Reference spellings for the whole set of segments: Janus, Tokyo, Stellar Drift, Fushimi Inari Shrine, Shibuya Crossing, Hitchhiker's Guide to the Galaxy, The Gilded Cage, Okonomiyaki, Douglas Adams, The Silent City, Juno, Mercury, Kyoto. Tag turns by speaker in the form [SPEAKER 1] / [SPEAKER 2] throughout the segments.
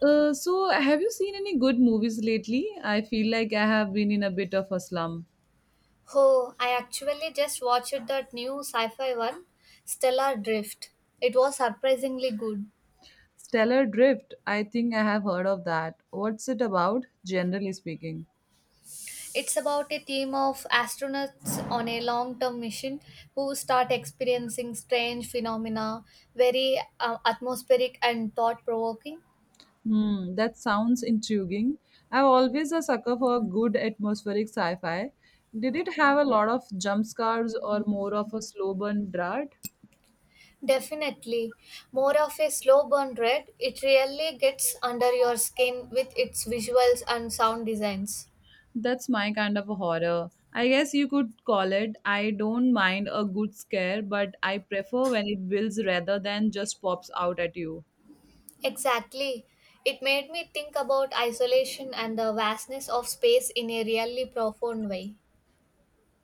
[SPEAKER 1] Have you seen any good movies lately? I feel like I have been in a bit of a slump.
[SPEAKER 2] Oh, I actually just watched that new sci fi one, Stellar Drift. It was surprisingly good.
[SPEAKER 1] Stellar Drift, I think I have heard of that. What's it about, generally speaking?
[SPEAKER 2] It's about a team of astronauts on a long term mission who start experiencing strange phenomena, very atmospheric and thought provoking.
[SPEAKER 1] Hmm, that sounds intriguing. I'm always a sucker for a good atmospheric sci fi. Did it have a lot of jump scares or more of a slow burn dart?
[SPEAKER 2] Definitely. More of a slow burn read, it really gets under your skin with its visuals and sound designs.
[SPEAKER 1] That's my kind of a horror. I guess you could call it. I don't mind a good scare, but I prefer when it builds rather than just pops out at you.
[SPEAKER 2] Exactly. It made me think about isolation and the vastness of space in a really profound way.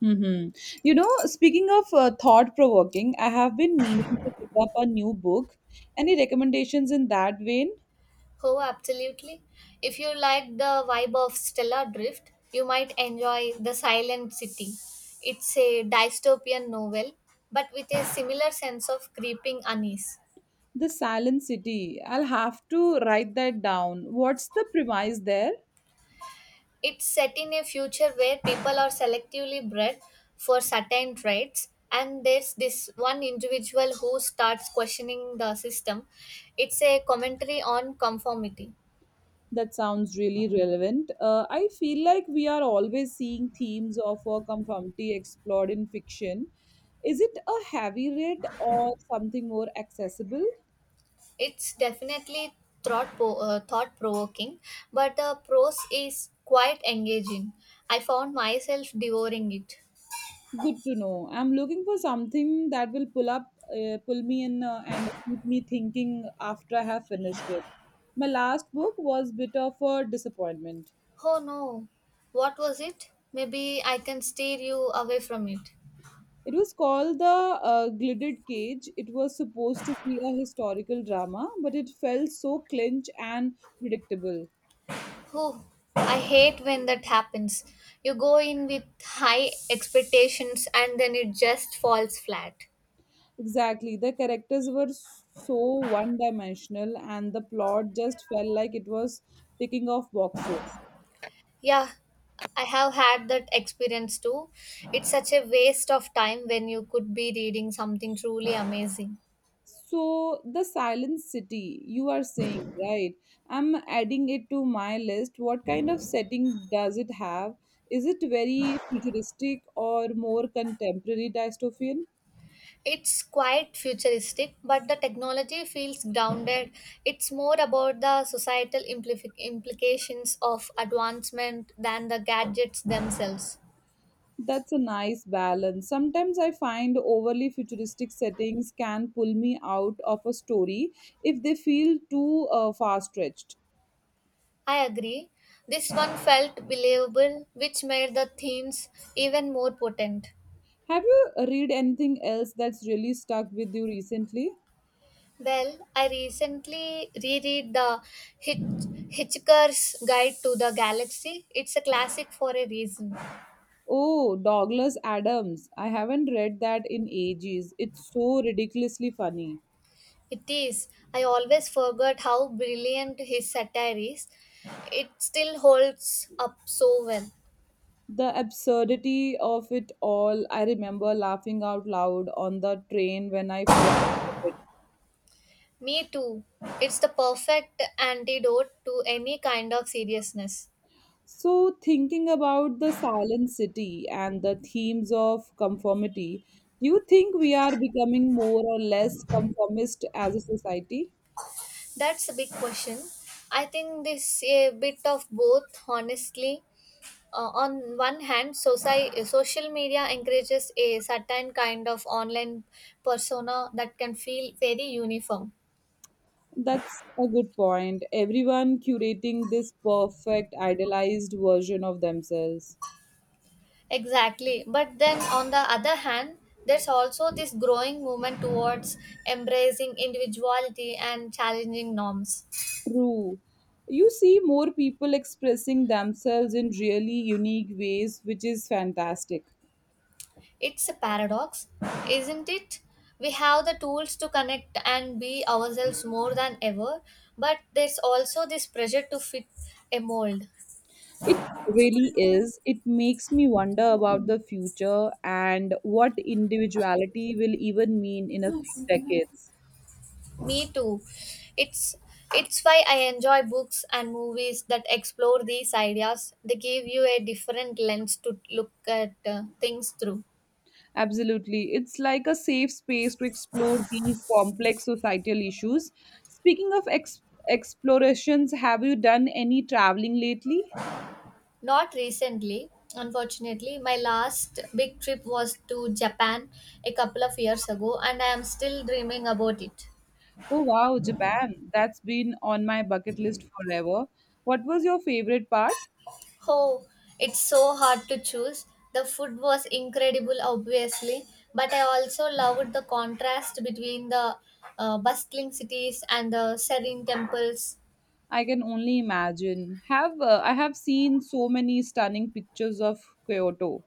[SPEAKER 1] Hmm. Speaking of thought provoking, I have been meaning to pick up a new book. Any recommendations in that vein?
[SPEAKER 2] Oh, absolutely. If you like the vibe of Stellar Drift, you might enjoy The Silent City. It's a dystopian novel, but with a similar sense of creeping unease.
[SPEAKER 1] The Silent City. I'll have to write that down. What's the premise there?
[SPEAKER 2] It's set in a future where people are selectively bred for certain traits, and there's this one individual who starts questioning the system. It's a commentary on conformity.
[SPEAKER 1] That sounds really relevant. I feel like we are always seeing themes of conformity explored in fiction. Is it a heavy read or something more accessible?
[SPEAKER 2] It's definitely thought provoking, but the prose is quite engaging. I found myself devouring it.
[SPEAKER 1] Good to know. I'm looking for something that will pull me in, and keep me thinking after I have finished it. My last book was bit of a disappointment.
[SPEAKER 2] Oh no, what was it? Maybe I can steer you away from it.
[SPEAKER 1] It was called The Gilded Cage. It was supposed to be a historical drama, but it felt so clinch and predictable.
[SPEAKER 2] Oh, I hate when that happens. You go in with high expectations and then it just falls flat.
[SPEAKER 1] Exactly. The characters were so one dimensional, and the plot just felt like it was ticking off boxes.
[SPEAKER 2] Yeah, I have had that experience too. It's such a waste of time when you could be reading something truly amazing.
[SPEAKER 1] So, The Silent City, you are saying, right? I'm adding it to my list. What kind of setting does it have? Is it very futuristic or more contemporary dystopian?
[SPEAKER 2] It's quite futuristic, but the technology feels grounded. It's more about the societal implifi implications of advancement than the gadgets themselves.
[SPEAKER 1] That's a nice balance. Sometimes I find overly futuristic settings can pull me out of a story if they feel too far stretched.
[SPEAKER 2] I agree. This one felt believable, which made the themes even more potent.
[SPEAKER 1] Have you read anything else that's really stuck with you recently?
[SPEAKER 2] Well, I recently reread the Hitch- Hitchhiker's Guide to the Galaxy. It's a classic for a reason.
[SPEAKER 1] Oh, Douglas Adams. I haven't read that in ages. It's so ridiculously funny.
[SPEAKER 2] It is. I always forgot how brilliant his satire is. It still holds up so well.
[SPEAKER 1] The absurdity of it all. I remember laughing out loud on the train when I first read it.
[SPEAKER 2] Me too. It's the perfect antidote to any kind of seriousness.
[SPEAKER 1] So, thinking about the silent city and the themes of conformity, do you think we are becoming more or less conformist as a society?
[SPEAKER 2] That's a big question. I think this a bit of both, honestly. On one hand, social media encourages a certain kind of online persona that can feel very uniform.
[SPEAKER 1] That's a good point. Everyone curating this perfect, idealized version of themselves.
[SPEAKER 2] Exactly. But then on the other hand, there's also this growing movement towards embracing individuality and challenging norms.
[SPEAKER 1] True. You see more people expressing themselves in really unique ways, which is fantastic.
[SPEAKER 2] It's a paradox, isn't it? We have the tools to connect and be ourselves more than ever, but there's also this pressure to fit a mold.
[SPEAKER 1] It really is. It makes me wonder about the future and what individuality will even mean in a few decades.
[SPEAKER 2] Me too. It's it's why I enjoy books and movies that explore these ideas. They give you a different lens to look at things through.
[SPEAKER 1] Absolutely. It's like a safe space to explore these complex societal issues. Speaking of explorations, have you done any traveling lately?
[SPEAKER 2] Not recently, unfortunately. My last big trip was to Japan a couple of years ago, and I am still dreaming about it.
[SPEAKER 1] Oh, wow, Japan. That's been on my bucket list forever. What was your favorite part?
[SPEAKER 2] Oh, it's so hard to choose. The food was incredible, obviously, but I also loved the contrast between the bustling cities and the serene temples.
[SPEAKER 1] I can only imagine. Have I have seen so many stunning pictures of Kyoto.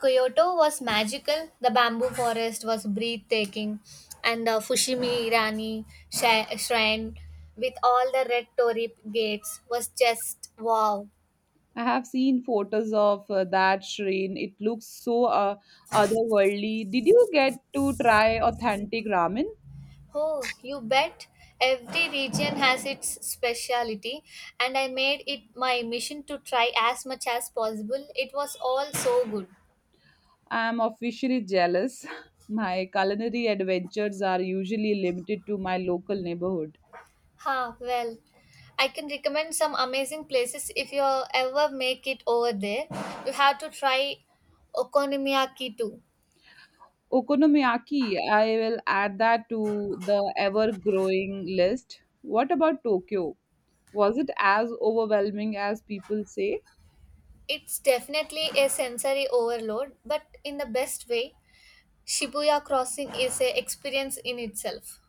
[SPEAKER 2] Kyoto was magical, the bamboo forest was breathtaking, and the Fushimi Irani shrine with all the red torii gates was just wow.
[SPEAKER 1] I have seen photos of that shrine. It looks so otherworldly. Did you get to try authentic ramen?
[SPEAKER 2] Oh, you bet. Every region has its speciality, and I made it my mission to try as much as possible. It was all so good.
[SPEAKER 1] I am officially jealous. My culinary adventures are usually limited to my local neighborhood.
[SPEAKER 2] Ha, well, I can recommend some amazing places if you ever make it over there. You have to try Okonomiyaki too.
[SPEAKER 1] Okonomiyaki, I will add that to the ever growing list. What about Tokyo? Was it as overwhelming as people say?
[SPEAKER 2] It's definitely a sensory overload, but in the best way. Shibuya Crossing is a experience in itself.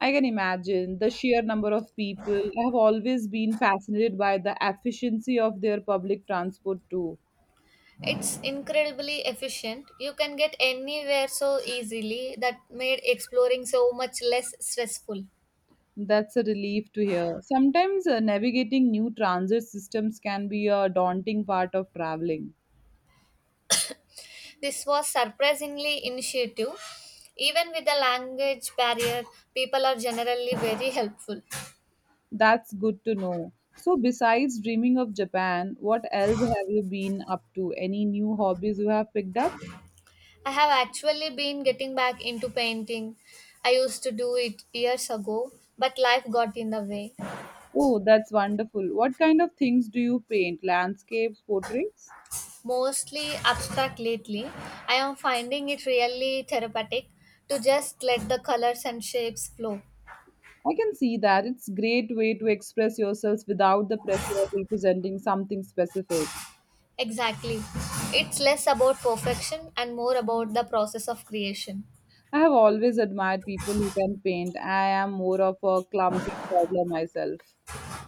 [SPEAKER 1] I can imagine the sheer number of people. I have always been fascinated by the efficiency of their public transport too.
[SPEAKER 2] It's incredibly efficient. You can get anywhere so easily that made exploring so much less stressful.
[SPEAKER 1] That's a relief to hear. Sometimes navigating new transit systems can be a daunting part of traveling.
[SPEAKER 2] This was surprisingly initiative. Even with the language barrier, people are generally very helpful.
[SPEAKER 1] That's good to know. So, besides dreaming of Japan, what else have you been up to? Any new hobbies you have picked up?
[SPEAKER 2] I have actually been getting back into painting. I used to do it years ago, but life got in the way.
[SPEAKER 1] Oh, that's wonderful. What kind of things do you paint? Landscapes, portraits?
[SPEAKER 2] Mostly abstract lately. I am finding it really therapeutic to just let the colors and shapes flow.
[SPEAKER 1] I can see that. It's great way to express yourselves without the pressure of representing something specific.
[SPEAKER 2] Exactly. It's less about perfection and more about the process of creation.
[SPEAKER 1] I have always admired people who can paint. I am more of a clumsy toddler myself.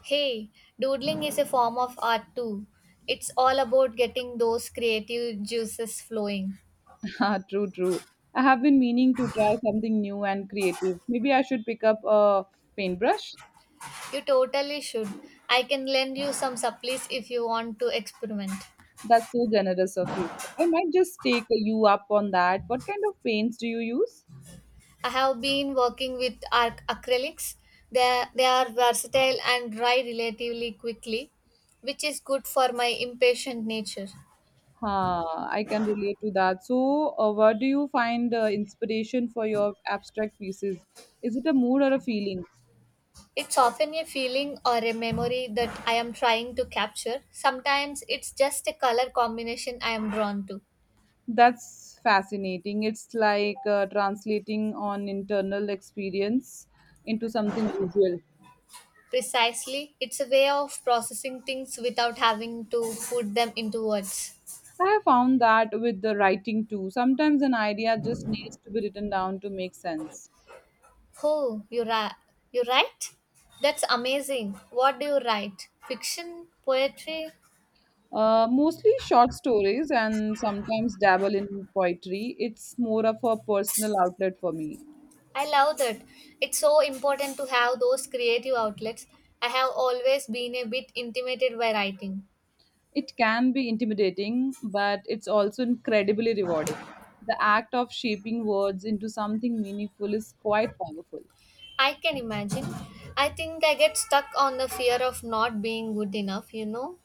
[SPEAKER 2] Hey, doodling is a form of art too. It's all about getting those creative juices flowing.
[SPEAKER 1] Ah, true, true. I have been meaning to try something new and creative. Maybe I should pick up a paintbrush.
[SPEAKER 2] You totally should. I can lend you some supplies if you want to experiment.
[SPEAKER 1] That's so generous of you. I might just take you up on that. What kind of paints do you use?
[SPEAKER 2] I have been working with arc acrylics. They are versatile and dry relatively quickly, which is good for my impatient nature.
[SPEAKER 1] Huh, I can relate to that. So, where do you find inspiration for your abstract pieces? Is it a mood or a feeling?
[SPEAKER 2] It's often a feeling or a memory that I am trying to capture. Sometimes it's just a color combination I am drawn to.
[SPEAKER 1] That's fascinating. It's like translating on internal experience into something visual.
[SPEAKER 2] Precisely, it's a way of processing things without having to put them into words.
[SPEAKER 1] I have found that with the writing too. Sometimes an idea just needs to be written down to make sense.
[SPEAKER 2] Oh, you write? That's amazing. What do you write? Fiction, poetry?
[SPEAKER 1] Mostly short stories and sometimes dabble in poetry. It's more of a personal outlet for me.
[SPEAKER 2] I love that. It's so important to have those creative outlets. I have always been a bit intimidated by writing.
[SPEAKER 1] It can be intimidating, but it's also incredibly rewarding. The act of shaping words into something meaningful is quite powerful.
[SPEAKER 2] I can imagine. I think I get stuck on the fear of not being good enough.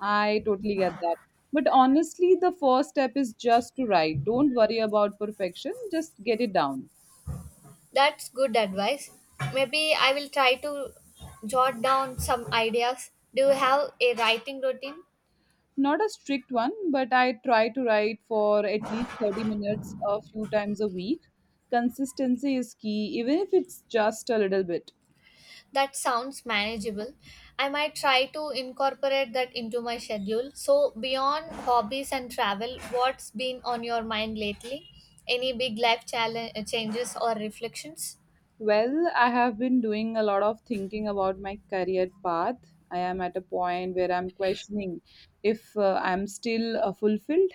[SPEAKER 1] I totally get that. But honestly, the first step is just to write. Don't worry about perfection, just get it down.
[SPEAKER 2] That's good advice. Maybe I will try to jot down some ideas. Do you have a writing routine?
[SPEAKER 1] Not a strict one, but I try to write for at least 30 minutes a few times a week. Consistency is key, even if it's just a little bit.
[SPEAKER 2] That sounds manageable. I might try to incorporate that into my schedule. So, beyond hobbies and travel, what's been on your mind lately? Any big life challenge, changes or reflections?
[SPEAKER 1] Well, I have been doing a lot of thinking about my career path. I am at a point where I'm questioning if I'm still fulfilled.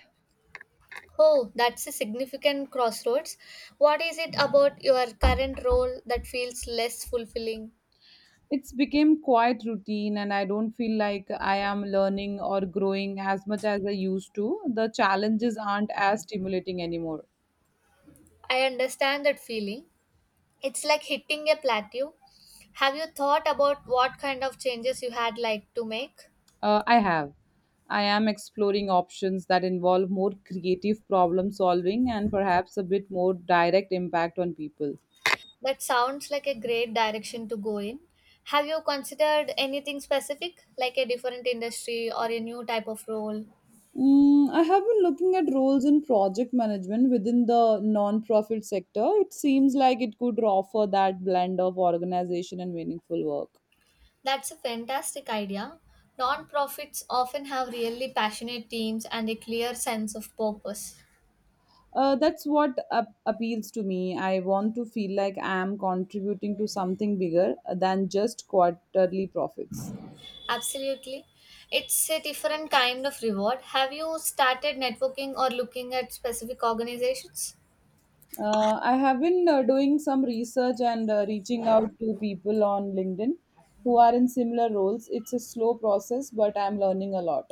[SPEAKER 2] Oh, that's a significant crossroads. What is it about your current role that feels less fulfilling?
[SPEAKER 1] It's become quite routine, and I don't feel like I am learning or growing as much as I used to. The challenges aren't as stimulating anymore.
[SPEAKER 2] I understand that feeling. It's like hitting a plateau. Have you thought about what kind of changes you had like to make?
[SPEAKER 1] I have. I am exploring options that involve more creative problem solving and perhaps a bit more direct impact on people.
[SPEAKER 2] That sounds like a great direction to go in. Have you considered anything specific, like a different industry or a new type of role?
[SPEAKER 1] Mm, I have been looking at roles in project management within the non-profit sector. It seems like it could offer that blend of organization and meaningful work.
[SPEAKER 2] That's a fantastic idea. Nonprofits often have really passionate teams and a clear sense of purpose.
[SPEAKER 1] That's what appeals to me. I want to feel like I am contributing to something bigger than just quarterly profits.
[SPEAKER 2] Absolutely. It's a different kind of reward. Have you started networking or looking at specific organizations?
[SPEAKER 1] I have been doing some research and reaching out to people on LinkedIn who are in similar roles. It's a slow process, but I'm learning a lot.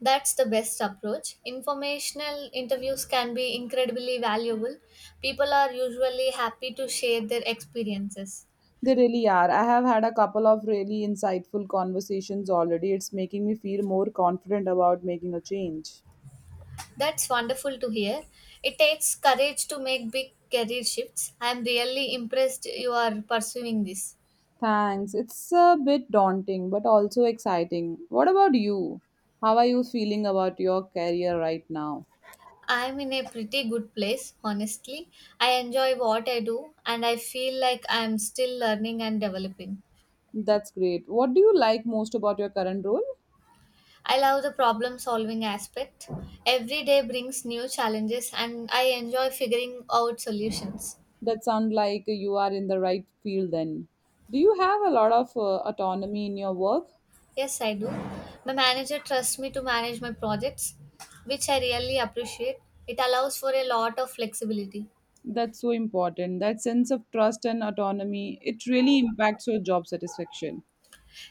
[SPEAKER 2] That's the best approach. Informational interviews can be incredibly valuable. People are usually happy to share their experiences.
[SPEAKER 1] They really are. I have had a couple of really insightful conversations already. It's making me feel more confident about making a change.
[SPEAKER 2] That's wonderful to hear. It takes courage to make big career shifts. I'm really impressed you are pursuing this.
[SPEAKER 1] Thanks. It's a bit daunting, but also exciting. What about you? How are you feeling about your career right now?
[SPEAKER 2] I'm in a pretty good place, honestly. I enjoy what I do and I feel like I'm still learning and developing.
[SPEAKER 1] That's great. What do you like most about your current role?
[SPEAKER 2] I love the problem solving aspect. Every day brings new challenges and I enjoy figuring out solutions.
[SPEAKER 1] That sounds like you are in the right field then. Do you have a lot of autonomy in your work?
[SPEAKER 2] Yes, I do. My manager trusts me to manage my projects, which I really appreciate. It allows for a lot of flexibility.
[SPEAKER 1] That's so important. That sense of trust and autonomy, it really impacts your job satisfaction.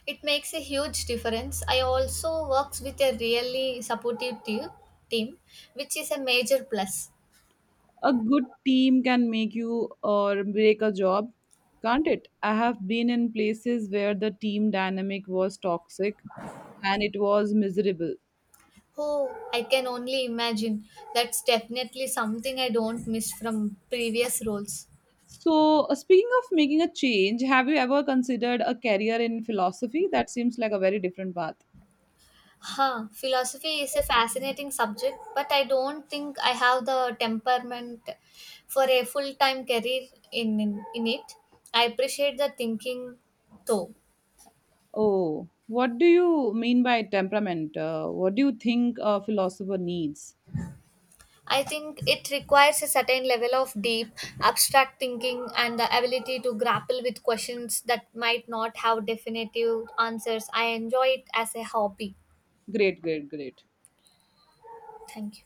[SPEAKER 2] It makes a huge difference. I also works with a really supportive team which is a major plus.
[SPEAKER 1] A good team can make you or break a job, can't it? I have been in places where the team dynamic was toxic and it was miserable.
[SPEAKER 2] Oh, I can only imagine. That's definitely something I don't miss from previous roles.
[SPEAKER 1] So, speaking of making a change, have you ever considered a career in philosophy? That seems like a very different path.
[SPEAKER 2] Huh, philosophy is a fascinating subject, but I don't think I have the temperament for a full time career in it. I appreciate the thinking though.
[SPEAKER 1] Oh, what do you mean by temperament? What do you think a philosopher needs?
[SPEAKER 2] I think it requires a certain level of deep, abstract thinking and the ability to grapple with questions that might not have definitive answers. I enjoy it as a hobby.
[SPEAKER 1] Great, great, great.
[SPEAKER 2] Thank you.